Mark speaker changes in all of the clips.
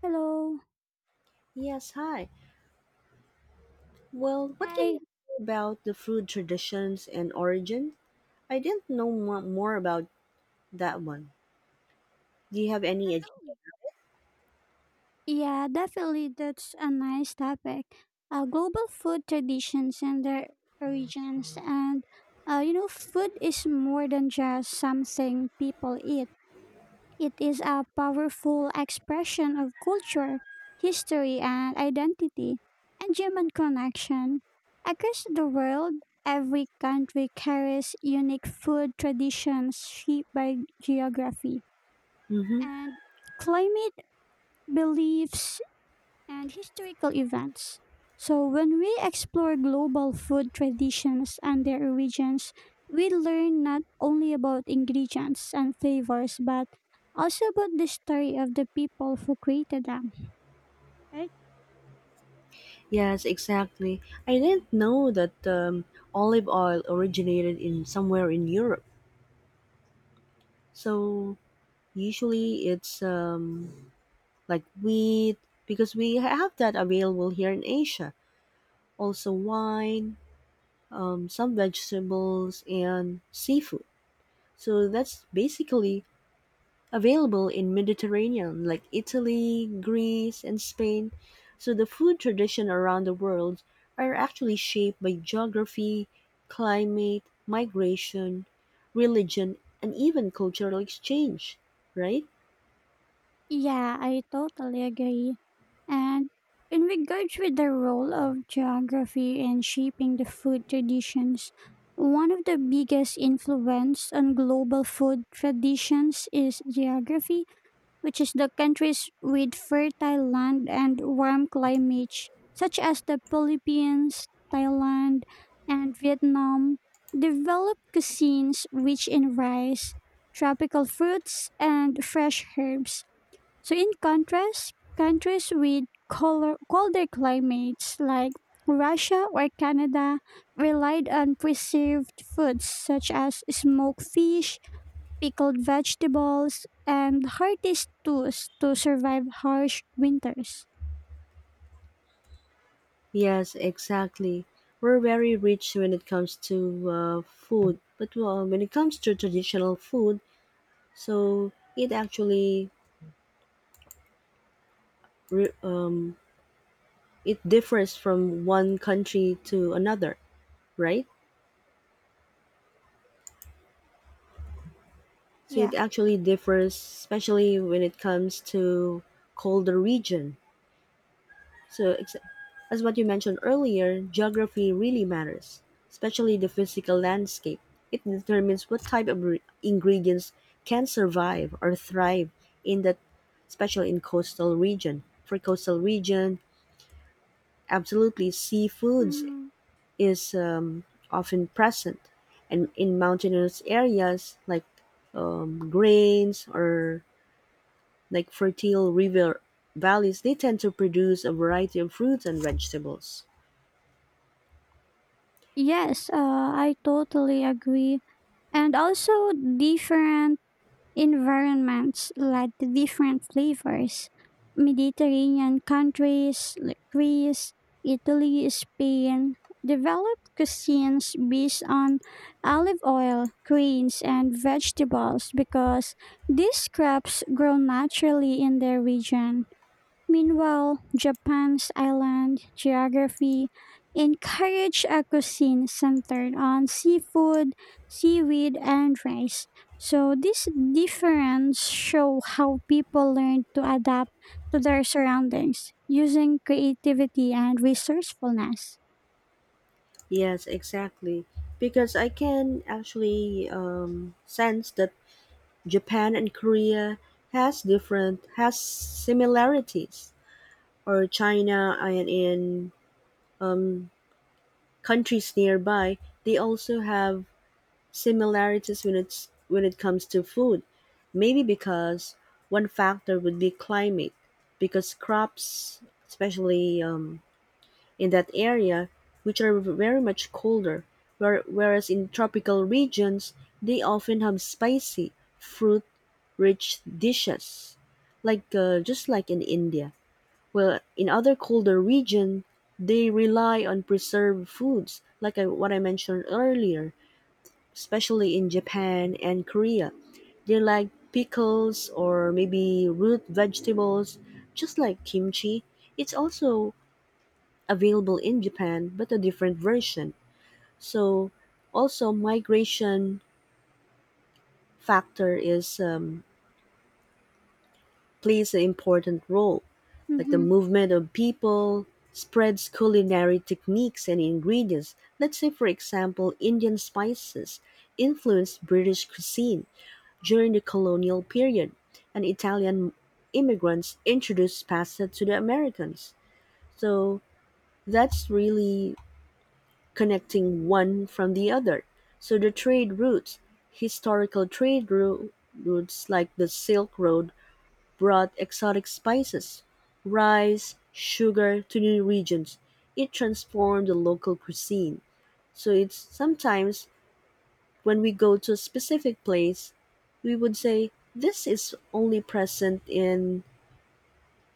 Speaker 1: Hello.
Speaker 2: Yes, hi. Well, what can you
Speaker 1: Hi.
Speaker 2: say about the food traditions and origin? I didn't know more about that one. Do you have any idea?
Speaker 1: Definitely. Yeah, definitely. That's a nice topic. Global food traditions and their origins. Food is more than just something people eat, it is a powerful expression of culture, history, and identity, and human connection. Across the world, every country carries unique food traditions shaped by geography
Speaker 2: Mm-hmm.
Speaker 1: and climate beliefs, and historical events. So, when we explore global food traditions and their origins, we learn not only about ingredients and flavors, but also about the story of the people who created them. Right?
Speaker 2: Yes, exactly. I didn't know that olive oil originated in somewhere in Europe. So usually it's like wheat because we have that available here in Asia. Also wine, some vegetables, and seafood. So that's basically available in Mediterranean like Italy, Greece and Spain, so the food tradition around the world are actually shaped by geography, climate, migration, religion and even cultural exchange, right?
Speaker 1: Yeah, I totally agree. And in regards with the role of geography in shaping the food traditions, one of the biggest influence on global food traditions is geography which is the countries with fertile land and warm climates, such as the Philippines, Thailand, and Vietnam, develop cuisines rich in rice, tropical fruits, and fresh herbs. So, in contrast, countries with color, colder climates like Russia or Canada relied on preserved foods such as smoked fish, pickled vegetables, and hearty stews to survive harsh winters.
Speaker 2: Yes, exactly. We're very rich when it comes to food, but when it comes to traditional food, so it actually re- um, it differs from one country to another, right? So it
Speaker 1: Yeah.
Speaker 2: actually differs, especially when it comes to colder region. So ex- as what you mentioned earlier, geography really matters, especially the physical landscape. It determines what type of ingredients can survive or thrive in that, especially in coastal region. For coastal region, absolutely seafoods
Speaker 1: Hmm.
Speaker 2: is often present, and in mountainous areas like grains or like fertile river valleys, they tend to produce a variety of fruits and vegetables.
Speaker 1: Yes, I totally agree. And also different environments led to different flavors. Mediterranean countries like Greece, Italy, Spain developed cuisines based on olive oil, grains, and vegetables because these crops grow naturally in their region. Meanwhile, Japan's island geography encouraged a cuisine centered on seafood, seaweed, and rice. So these differences show how people learn to adapt to their surroundings using creativity and resourcefulness.
Speaker 2: Yes, exactly. Because I can actually sense that Japan and Korea has similarities, or China and in countries nearby, they also have similarities when it comes to food. Maybe because one factor would be climate, because crops, especially in that area, which are very much colder, whereas in tropical regions, they often have spicy, fruit rich dishes, like just like in India. Well, in other colder regions, they rely on preserved foods, like what I mentioned earlier, especially in Japan and Korea. They like pickles or maybe root vegetables, just like kimchi. It's also available in Japan, but a different version. So also migration factor is plays an important role, like the
Speaker 1: Mhm.
Speaker 2: movement of people spreads culinary techniques and ingredients. Let's say, for example, Indian spices influenced British cuisine during the colonial period, and Italian immigrants introduced pasta to the Americans. So that's really connecting one from the other. So the trade routes, historical routes like the Silk Road, brought exotic spices, rice, sugar to new regions. It transformed the local cuisine. So it's sometimes when we go to a specific place, we would say this is only present in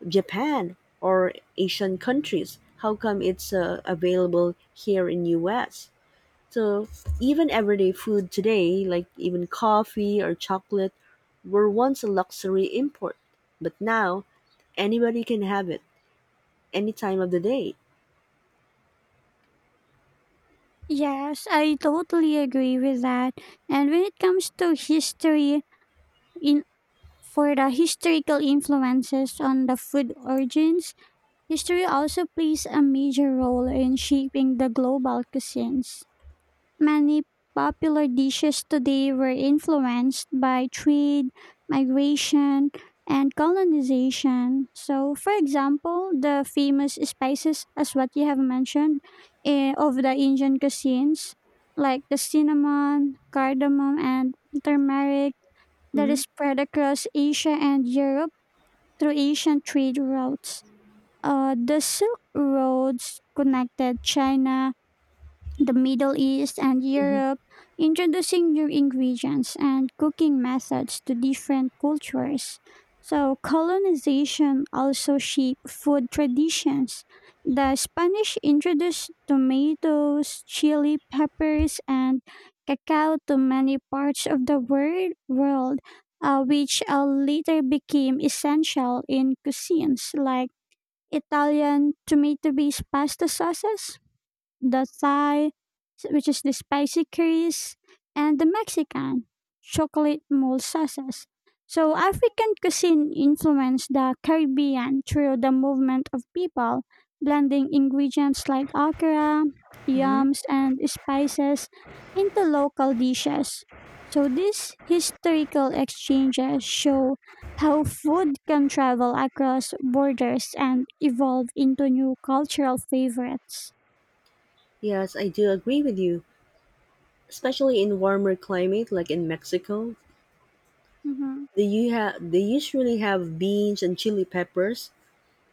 Speaker 2: Japan or Asian countries. How come it's available here in US? So even everyday food today, like even coffee or chocolate, were once a luxury import, but now anybody can have it any time of the day.
Speaker 1: Yes, I totally agree with that. And when it comes to history, in for the historical influences on the food origins, history also plays a major role in shaping the global cuisines. Many popular dishes today were influenced by trade, migration, and colonization. So, for example, the famous spices, as what you have mentioned, of the Indian cuisines, like the cinnamon, cardamom, and turmeric, that
Speaker 2: Hmm.
Speaker 1: is spread across Asia and Europe through Asian trade routes. The Silk Roads connected China, the Middle East, and
Speaker 2: Hmm.
Speaker 1: Europe, introducing new ingredients and cooking methods to different cultures. So, colonization also shaped food traditions. The Spanish introduced tomatoes, chili peppers, and cacao to many parts of the world, which later became essential in cuisines like Italian tomato-based pasta sauces, the Thai, which is the spicy curries, and the Mexican, chocolate mole sauces. So, African cuisine influenced the Caribbean through the movement of people, blending ingredients like okra,
Speaker 2: Hmm.
Speaker 1: yams, and spices into local dishes. So, these historical exchanges show how food can travel across borders and evolve into new cultural favorites.
Speaker 2: Yes, I do agree with you. Especially in warmer climate, like in Mexico,
Speaker 1: Mhm.
Speaker 2: they usually have beans and chili peppers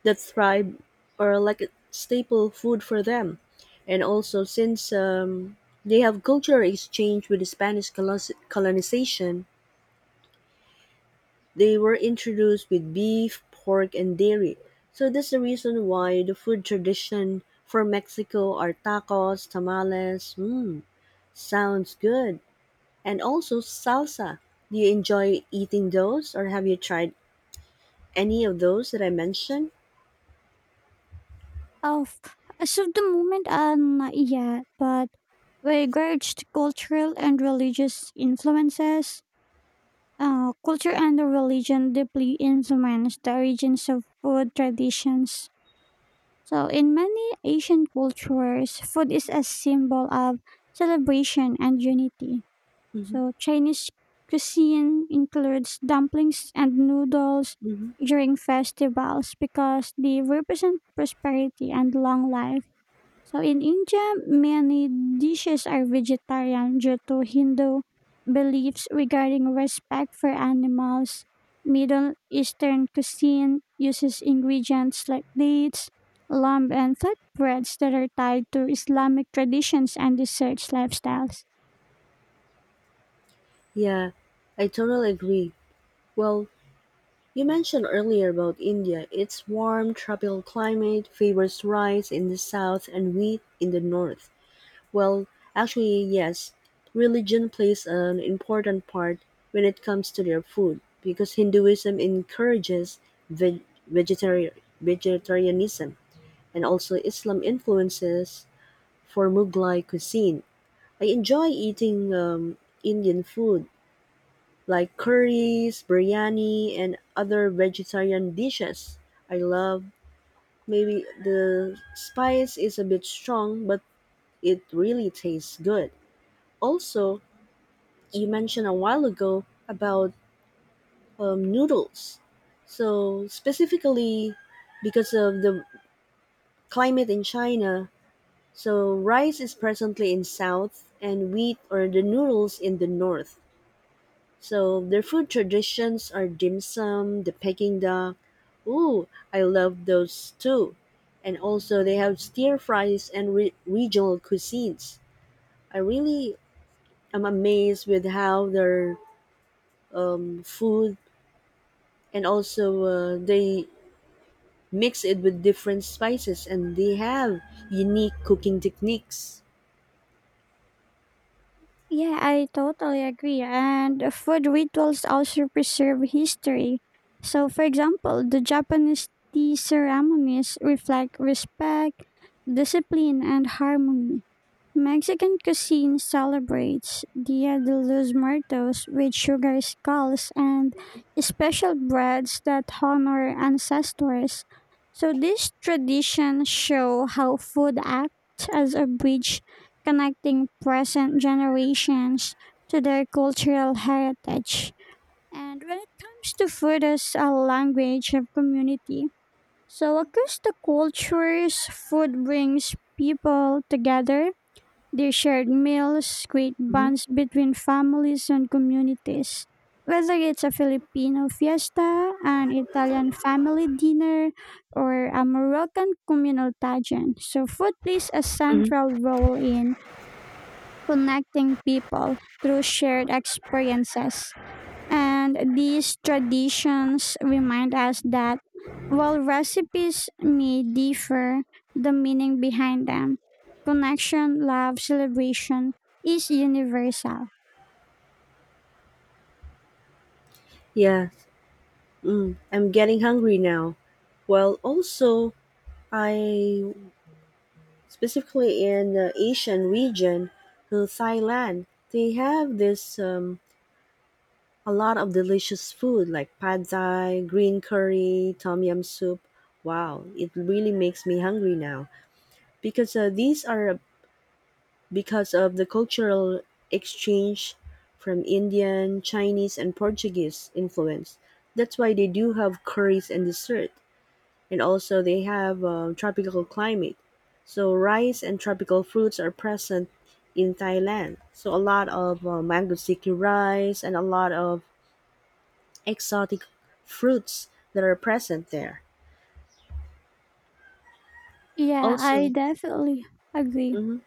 Speaker 2: that thrive are like a staple food for them. And also, since they have cultural exchange with the Spanish colonization, they were introduced with beef, pork, and dairy. So that's the reason why the food tradition for Mexico are tacos, tamales. Mmm, sounds good. And also salsa. Do you enjoy eating those, or have you tried any of those that I mentioned?
Speaker 1: Of as of the moment, not yet, but regards to cultural and religious influences, culture and the religion deeply influence the origins of food traditions. So, in many Asian cultures, food is a symbol of celebration and unity.
Speaker 2: Hmm.
Speaker 1: So, Chinese cuisine includes dumplings and noodles
Speaker 2: Hmm.
Speaker 1: during festivals because they represent prosperity and long life so in India, many dishes are vegetarian due to Hindu beliefs regarding respect for animals. Middle Eastern cuisine uses ingredients like dates, lamb, and flatbreads that are tied to Islamic traditions and desserts lifestyles.
Speaker 2: Yeah, I totally agree. Well, you mentioned earlier about India. Its warm tropical climate favors rice in the south and wheat in the north. Well, actually, yes. Religion plays an important part when it comes to their food because Hinduism encourages veg- vegetari- vegetarianism and also Islam influences for Mughlai cuisine. I enjoy eating Indian food like curries, biryani, and other vegetarian dishes. I love maybe the spice is a bit strong, but it really tastes good. Also, you mentioned a while ago about noodles. So, specifically because of the climate in China, so rice is presently in south and wheat or the noodles in the north. So their food traditions are dim sum, the Peking duck. Ooh, I love those too. And also they have stir fries and regional cuisines. I really am amazed with how their food and also they mix it with different spices and they have unique cooking techniques.
Speaker 1: Yeah, I totally agree. And food rituals also preserve history. So, for example, the Japanese tea ceremonies reflect respect, discipline, and harmony. Mexican cuisine celebrates Dia de los Muertos with sugar skulls and special breads that honor ancestors. So, these traditions show how food acts as a bridge connecting present generations to their cultural heritage. And when it comes to food as a language of community, so across the cultures, food brings people together. They shared meals, create
Speaker 2: Mhm.
Speaker 1: bonds between families and communities. Whether it's a Filipino fiesta, an Italian family dinner, or a Moroccan communal pageant. So food plays a
Speaker 2: Hmm.
Speaker 1: central role in connecting people through shared experiences. And these traditions remind us that while recipes may differ, the meaning behind them, connection, love, celebration, is universal.
Speaker 2: Yeah, mm, I'm getting hungry now. Well, also, I specifically in the Asian region, Thailand, they have this a lot of delicious food like pad thai, green curry, tom yum soup. Wow, it really makes me hungry now because uh, these are because of the cultural exchange from Indian, Chinese, and Portuguese influence. That's why they do have curries and dessert and also they have a tropical climate. So rice and tropical fruits are present in Thailand. So a lot of mango sticky rice and a lot of exotic fruits that are present there.
Speaker 1: Yeah, I
Speaker 2: Also,
Speaker 1: definitely agree.
Speaker 2: mhm.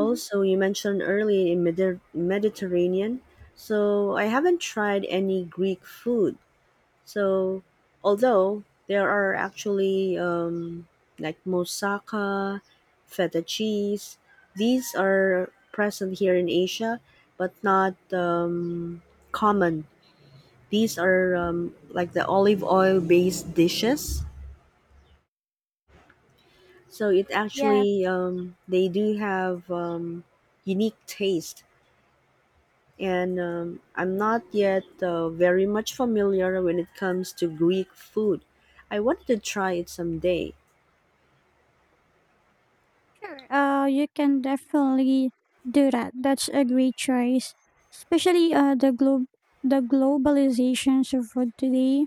Speaker 1: Mhm.
Speaker 2: you mentioned earlier in Mediterranean. So I haven't tried any Greek food. So, although there are actually like moussaka, feta cheese, these are present here in Asia, but not common. These are like the olive oil based dishes. So it
Speaker 1: Yeah,
Speaker 2: actually they do have unique taste, and I'm not yet very much familiar when it comes to Greek food. I wanted to try it someday.
Speaker 1: sure. You can definitely do that. That's a great choice, especially the globalizations of food today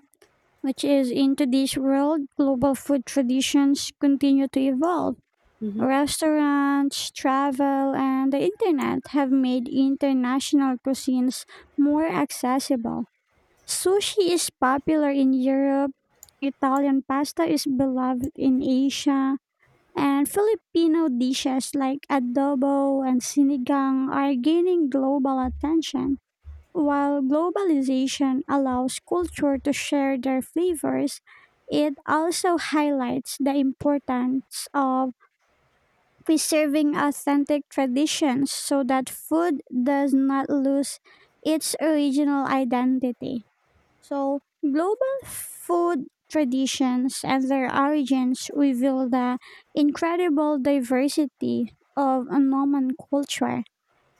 Speaker 1: which is into this world, global food traditions continue to evolve.
Speaker 2: Mhm.
Speaker 1: Restaurants, travel, and the internet have made international cuisines more accessible. Sushi is popular in Europe, Italian pasta is beloved in Asia, and Filipino dishes like adobo and sinigang are gaining global attention. While globalization allows culture to share their flavors, it also highlights the importance of preserving authentic traditions so that food does not lose its original identity. So, global food traditions and their origins reveal the incredible diversity of a Norman culture.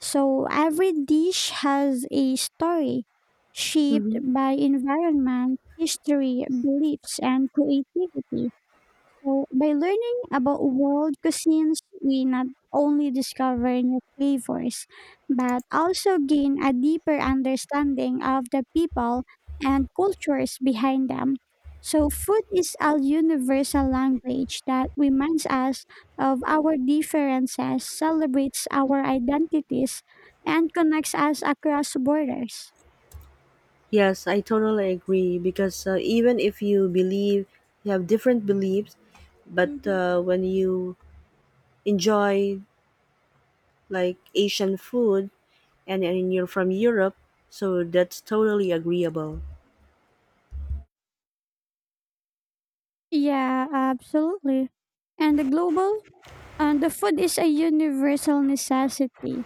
Speaker 1: So every dish has a story shaped
Speaker 2: Mhm.
Speaker 1: by environment, history, beliefs, and creativity. So, by learning about world cuisines, we not only discover new flavors, but also gain a deeper understanding of the people and cultures behind them. So, food is a universal language that reminds us of our differences, celebrates our identities, and connects us across borders.
Speaker 2: Yes, I totally agree because even if you believe you have different beliefs, but
Speaker 1: Hmm.
Speaker 2: when you enjoy like Asian food and you're from Europe, so that's totally agreeable.
Speaker 1: Yeah, absolutely. And the global And the food is a universal necessity.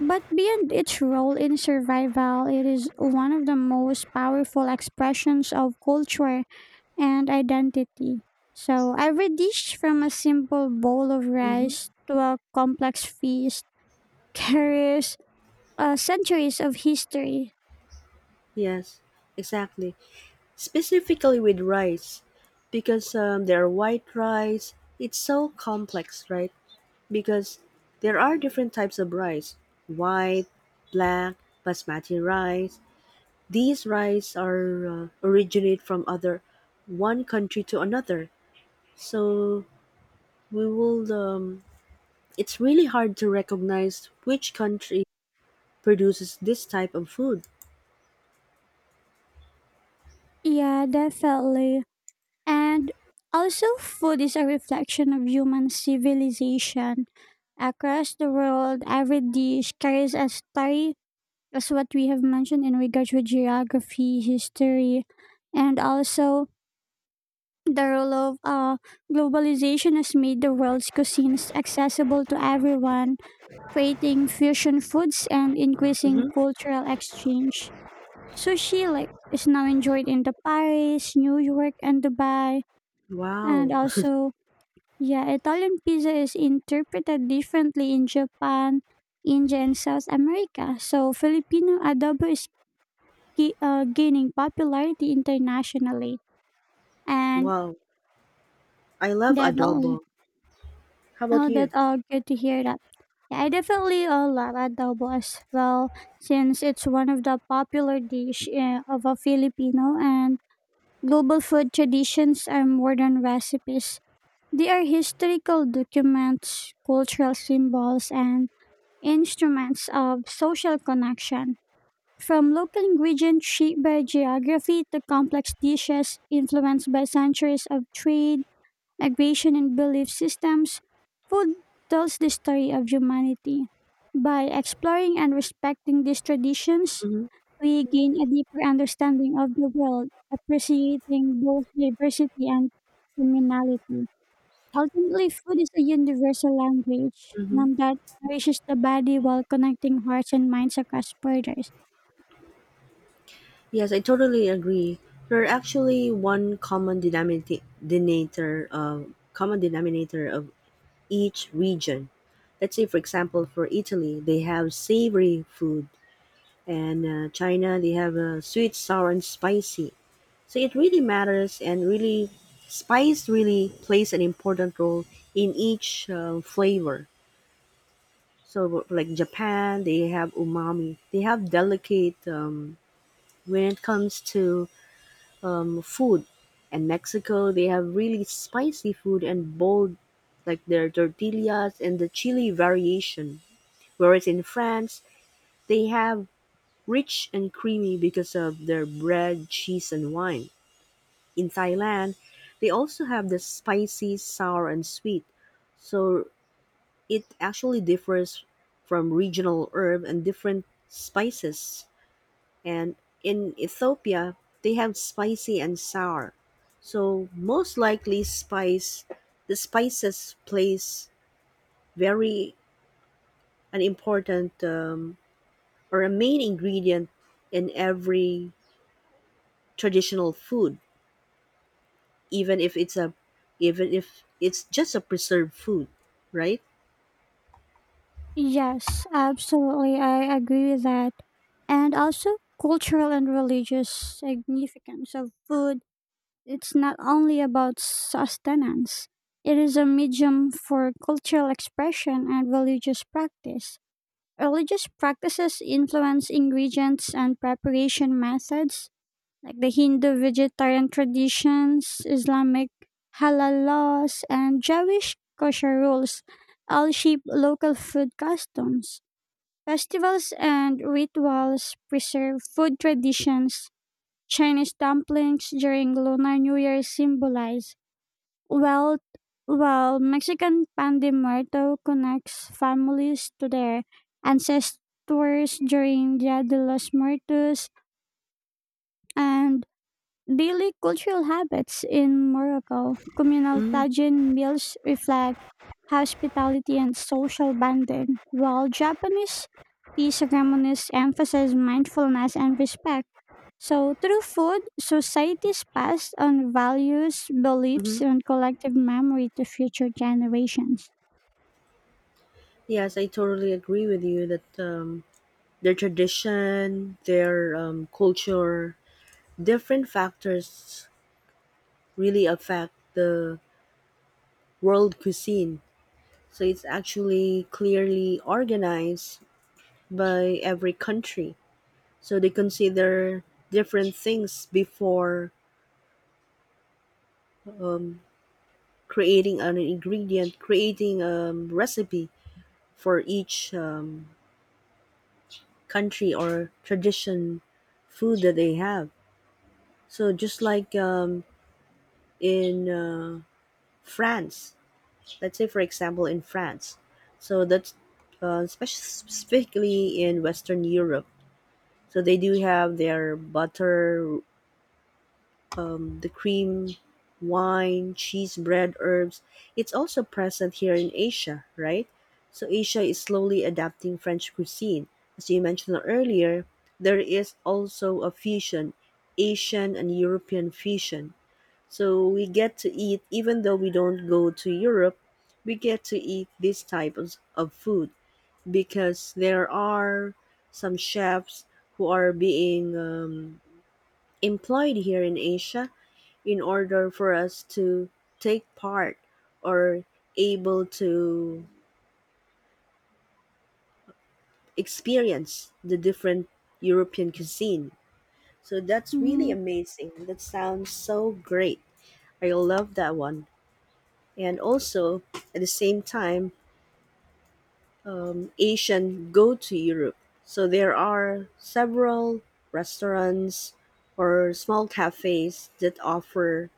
Speaker 1: But beyond its role in survival, it is one of the most powerful expressions of culture and identity. So, every dish from a simple bowl of
Speaker 2: Mm-hmm.
Speaker 1: rice to a complex feast carries centuries of history.
Speaker 2: Yes, exactly. Specifically with rice, because there are white rice. It's so complex, right? Because there are different types of rice: white, black, basmati rice, these rice are originate from other one country to another. So we will. It's really hard to recognize which country produces this type of food.
Speaker 1: Yeah, definitely. And also, food is a reflection of human civilization. Across the world, every dish carries a story, as what we have mentioned in regards with geography, history, and also the role of globalization has made the world's cuisines accessible to everyone, creating fusion foods and increasing
Speaker 2: Hmm.
Speaker 1: cultural exchange. Sushi like is now enjoyed in the Paris, New York, and Dubai, and
Speaker 2: Wow,
Speaker 1: also yeah, Italian pizza is interpreted differently in Japan, India, and South America. So, Filipino adobo is gaining popularity internationally. And
Speaker 2: wow! I love adobo.
Speaker 1: definitely,
Speaker 2: How about
Speaker 1: oh,
Speaker 2: you?
Speaker 1: that's all good to hear that. Yeah, I definitely love adobo as well, since it's one of the popular dish of a Filipino and global food traditions are more than recipes. They are historical documents, cultural symbols, and instruments of social connection. From local ingredients shaped by geography to complex dishes influenced by centuries of trade, migration, and belief systems, food tells the story of humanity. By exploring and respecting these traditions,
Speaker 2: Hmm.
Speaker 1: we gain a deeper understanding of the world, appreciating both diversity and communality. Ultimately, food is a universal language,
Speaker 2: Hmm.
Speaker 1: one that nourishes the body while connecting hearts and minds across borders.
Speaker 2: Yes, I totally agree. There are actually one common denominator, common denominator of each region. Let's say, for example, for Italy, they have savory food, and China they have sweet, sour, and spicy. So it really matters, and really, spice really plays an important role in each flavor. So like Japan, they have umami. They have delicate when it comes to food, and Mexico they have really spicy food and bold, like their tortillas and the chili variation. Whereas in France, they have rich and creamy because of their bread, cheese and wine. In Thailand, they also have the spicy, sour and sweet. So it actually differs from regional herb and different spices. And in Ethiopia, they have spicy and sour. So most likely spice the spices plays very an important or a main ingredient in every traditional food. Even if it's a even if it's just a preserved food, right?
Speaker 1: Yes, absolutely, I agree with that. And also, cultural and religious significance of food. It's not only about sustenance, it is a medium for cultural expression and religious practice. Religious practices influence ingredients and preparation methods, like the Hindu vegetarian traditions, Islamic halal laws, and Jewish kosher rules all shape local food customs. Festivals and rituals preserve food traditions. Chinese dumplings during Lunar New Year symbolize wealth, while Mexican pan de muerto connects families to their ancestors during Dia de los Muertos, and daily cultural habits in Morocco, communal tagine meals reflect hospitality and social bonding, while Japanese tea ceremonies emphasize mindfulness and respect. So, through food, societies pass on values, beliefs,
Speaker 2: Mm-hmm.
Speaker 1: and collective memory to future generations.
Speaker 2: Yes, I totally agree with you that their tradition, their culture, different factors really affect the world cuisine. So it's actually clearly organized by every country. So they consider different things before um, creating an ingredient, creating a recipe for each country or tradition food that they have. So just like in France, let's say for example in France, so that's specifically in Western Europe. So they do have their butter the cream, wine, cheese, bread, herbs. It's also present here in Asia, right? So Asia is slowly adapting French cuisine. As you mentioned earlier, there is also a fusion, Asian and European fusion. So we get to eat, even though we don't go to Europe, we get to eat these types of food because there are some chefs who are being employed here in Asia in order for us to take part or able to experience the different European cuisine. So that's really
Speaker 1: Mhm.
Speaker 2: amazing. That sounds so great. I love that one. And also, at the same time, Asian go to Europe. So there are several restaurants or small cafes that offer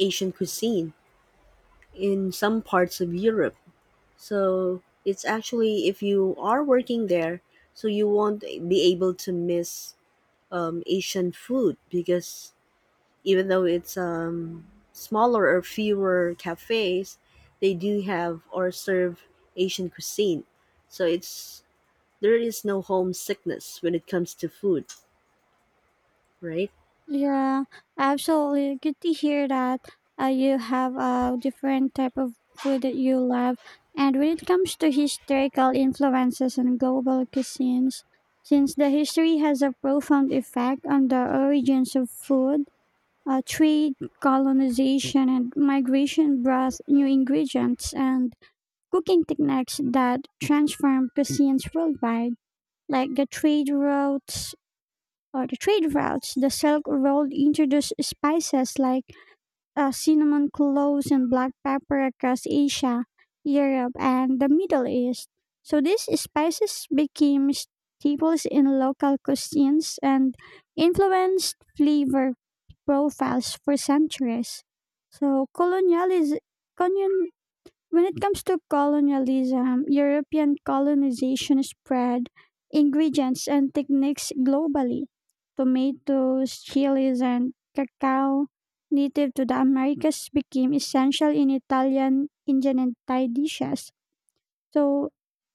Speaker 2: Asian cuisine in some parts of Europe. So it's actually if you are working there, so you won't be able to miss Asian food because even though it's smaller or fewer cafes, they do have or serve Asian cuisine. So it's there is no homesickness when it comes to food, right?
Speaker 1: Yeah, absolutely. Good to hear that you have a different type of food that you love. And when it comes to historical influences on global cuisines, since the history has a profound effect on the origins of food, trade, colonization, and migration brought new ingredients and cooking techniques that transformed cuisines worldwide, like the trade routes. The Silk Road introduced spices like cinnamon, cloves, and black pepper across Asia, Europe, and the Middle East. So these spices became staples in local cuisines and influenced flavor profiles for centuries. So colonialism, when it comes to colonialism, European colonization spread ingredients and techniques globally. Tomatoes, chilies, and cacao native to the Americas became essential in Italian, Indian, and Thai dishes. So,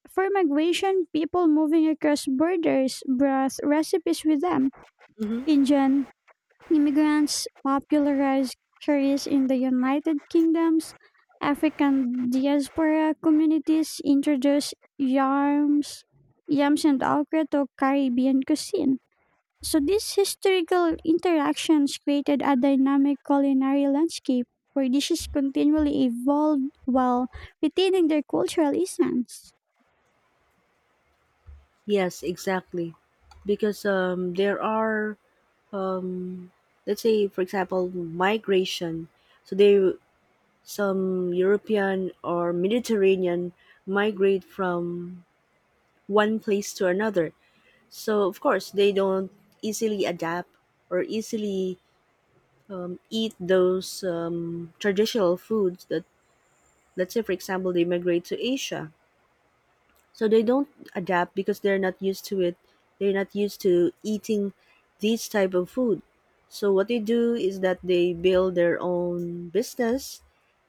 Speaker 1: for migration, people moving across borders brought recipes with them.
Speaker 2: Hmm.
Speaker 1: Indian immigrants popularized curries in the United Kingdom's African diaspora communities introduced yams and okra to Caribbean cuisine. So these historical interactions created a dynamic culinary landscape where dishes continually evolved while retaining their cultural essence.
Speaker 2: Yes, exactly because there are um, let's say for example migration, so they some european or mediterranean migrate from one place to another, so of course they don't easily adapt or easily eat those traditional foods that, let's say for example, they migrate to asia. So they don't adapt because they're not used to it. They're not used to eating these type of food. So what they do is that they build their own business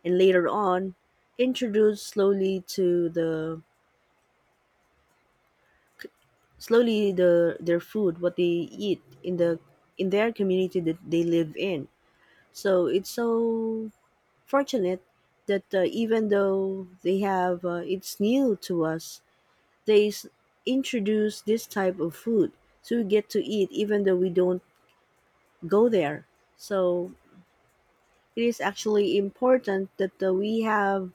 Speaker 2: and later on introduce slowly to the slowly the their food what they eat in their community that they live in. So it's so fortunate that even though they have it's new to us, they introduce this type of food so we get to eat even though we don't go there. So it is actually important that we have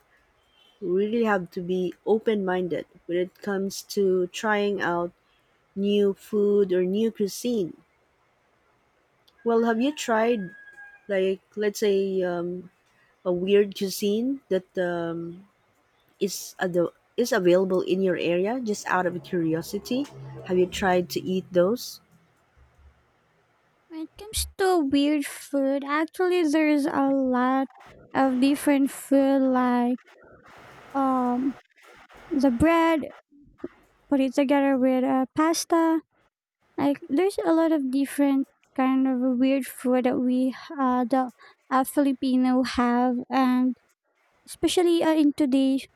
Speaker 2: really have to be open minded when it comes to trying out new food or new cuisine. Well, have you tried, like let's say a weird cuisine that is ad- is available in your area, just out of curiosity, have you tried to eat those?
Speaker 1: When it comes to weird food, actually there's a lot of different food like um the bread, put it together with pasta. Like there's a lot of different kind of weird food that we the Filipino have, and especially in today's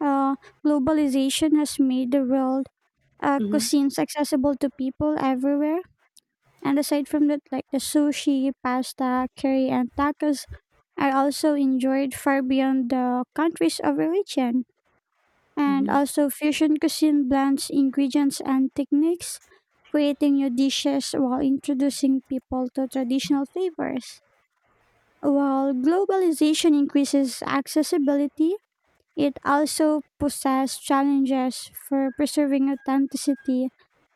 Speaker 1: uh, globalization has made the world
Speaker 2: Mm-hmm.
Speaker 1: cuisines accessible to people everywhere. And aside from that, like the sushi, pasta, curry, and tacos are also enjoyed far beyond the countries of origin. And
Speaker 2: Mm-hmm.
Speaker 1: also, fusion cuisine blends ingredients and techniques, creating new dishes while introducing people to traditional flavors. While globalization increases accessibility, it also poses challenges for preserving authenticity,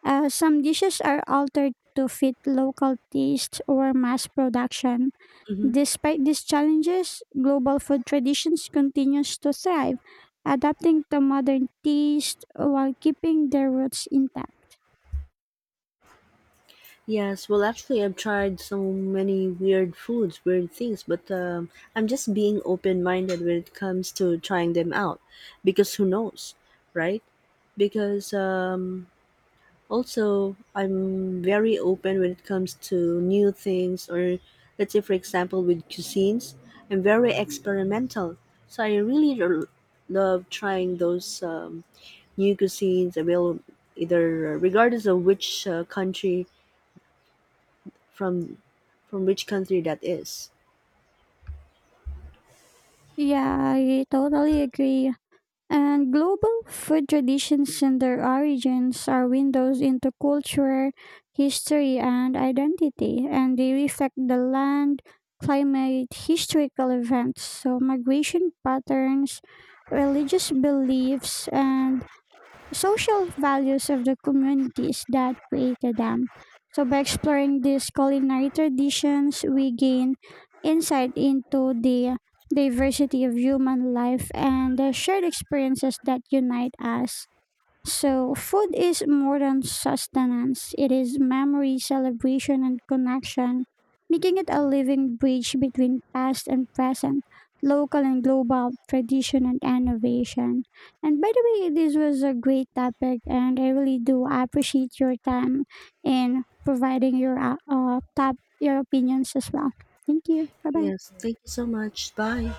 Speaker 1: as some dishes are altered to fit local taste or mass production.
Speaker 2: Mm-hmm.
Speaker 1: Despite these challenges, global food traditions continues to thrive, adapting to modern taste while keeping their roots intact.
Speaker 2: Yes, well, actually, I've tried so many weird foods, weird things, but I'm just being open minded when it comes to trying them out because who knows, right? Because also, I'm very open when it comes to new things, or let's say, for example, with cuisines, I'm very experimental. So I really love trying those new cuisines available either regardless of which country from from which country that is.
Speaker 1: Yeah, I totally agree. And global food traditions and their origins are windows into culture, history, and identity, and they reflect the land, climate, historical events, so migration patterns, religious beliefs, and social values of the communities that created them. So, by exploring these culinary traditions, we gain insight into the diversity of human life and the shared experiences that unite us. So, food is more than sustenance, it is memory, celebration, and connection, making it a living bridge between past and present, local and global, tradition and innovation. And by the way, this was a great topic, and I really do appreciate your time in providing your top your opinions as well. Thank you. Bye bye.
Speaker 2: Yes, thank you so much. Bye.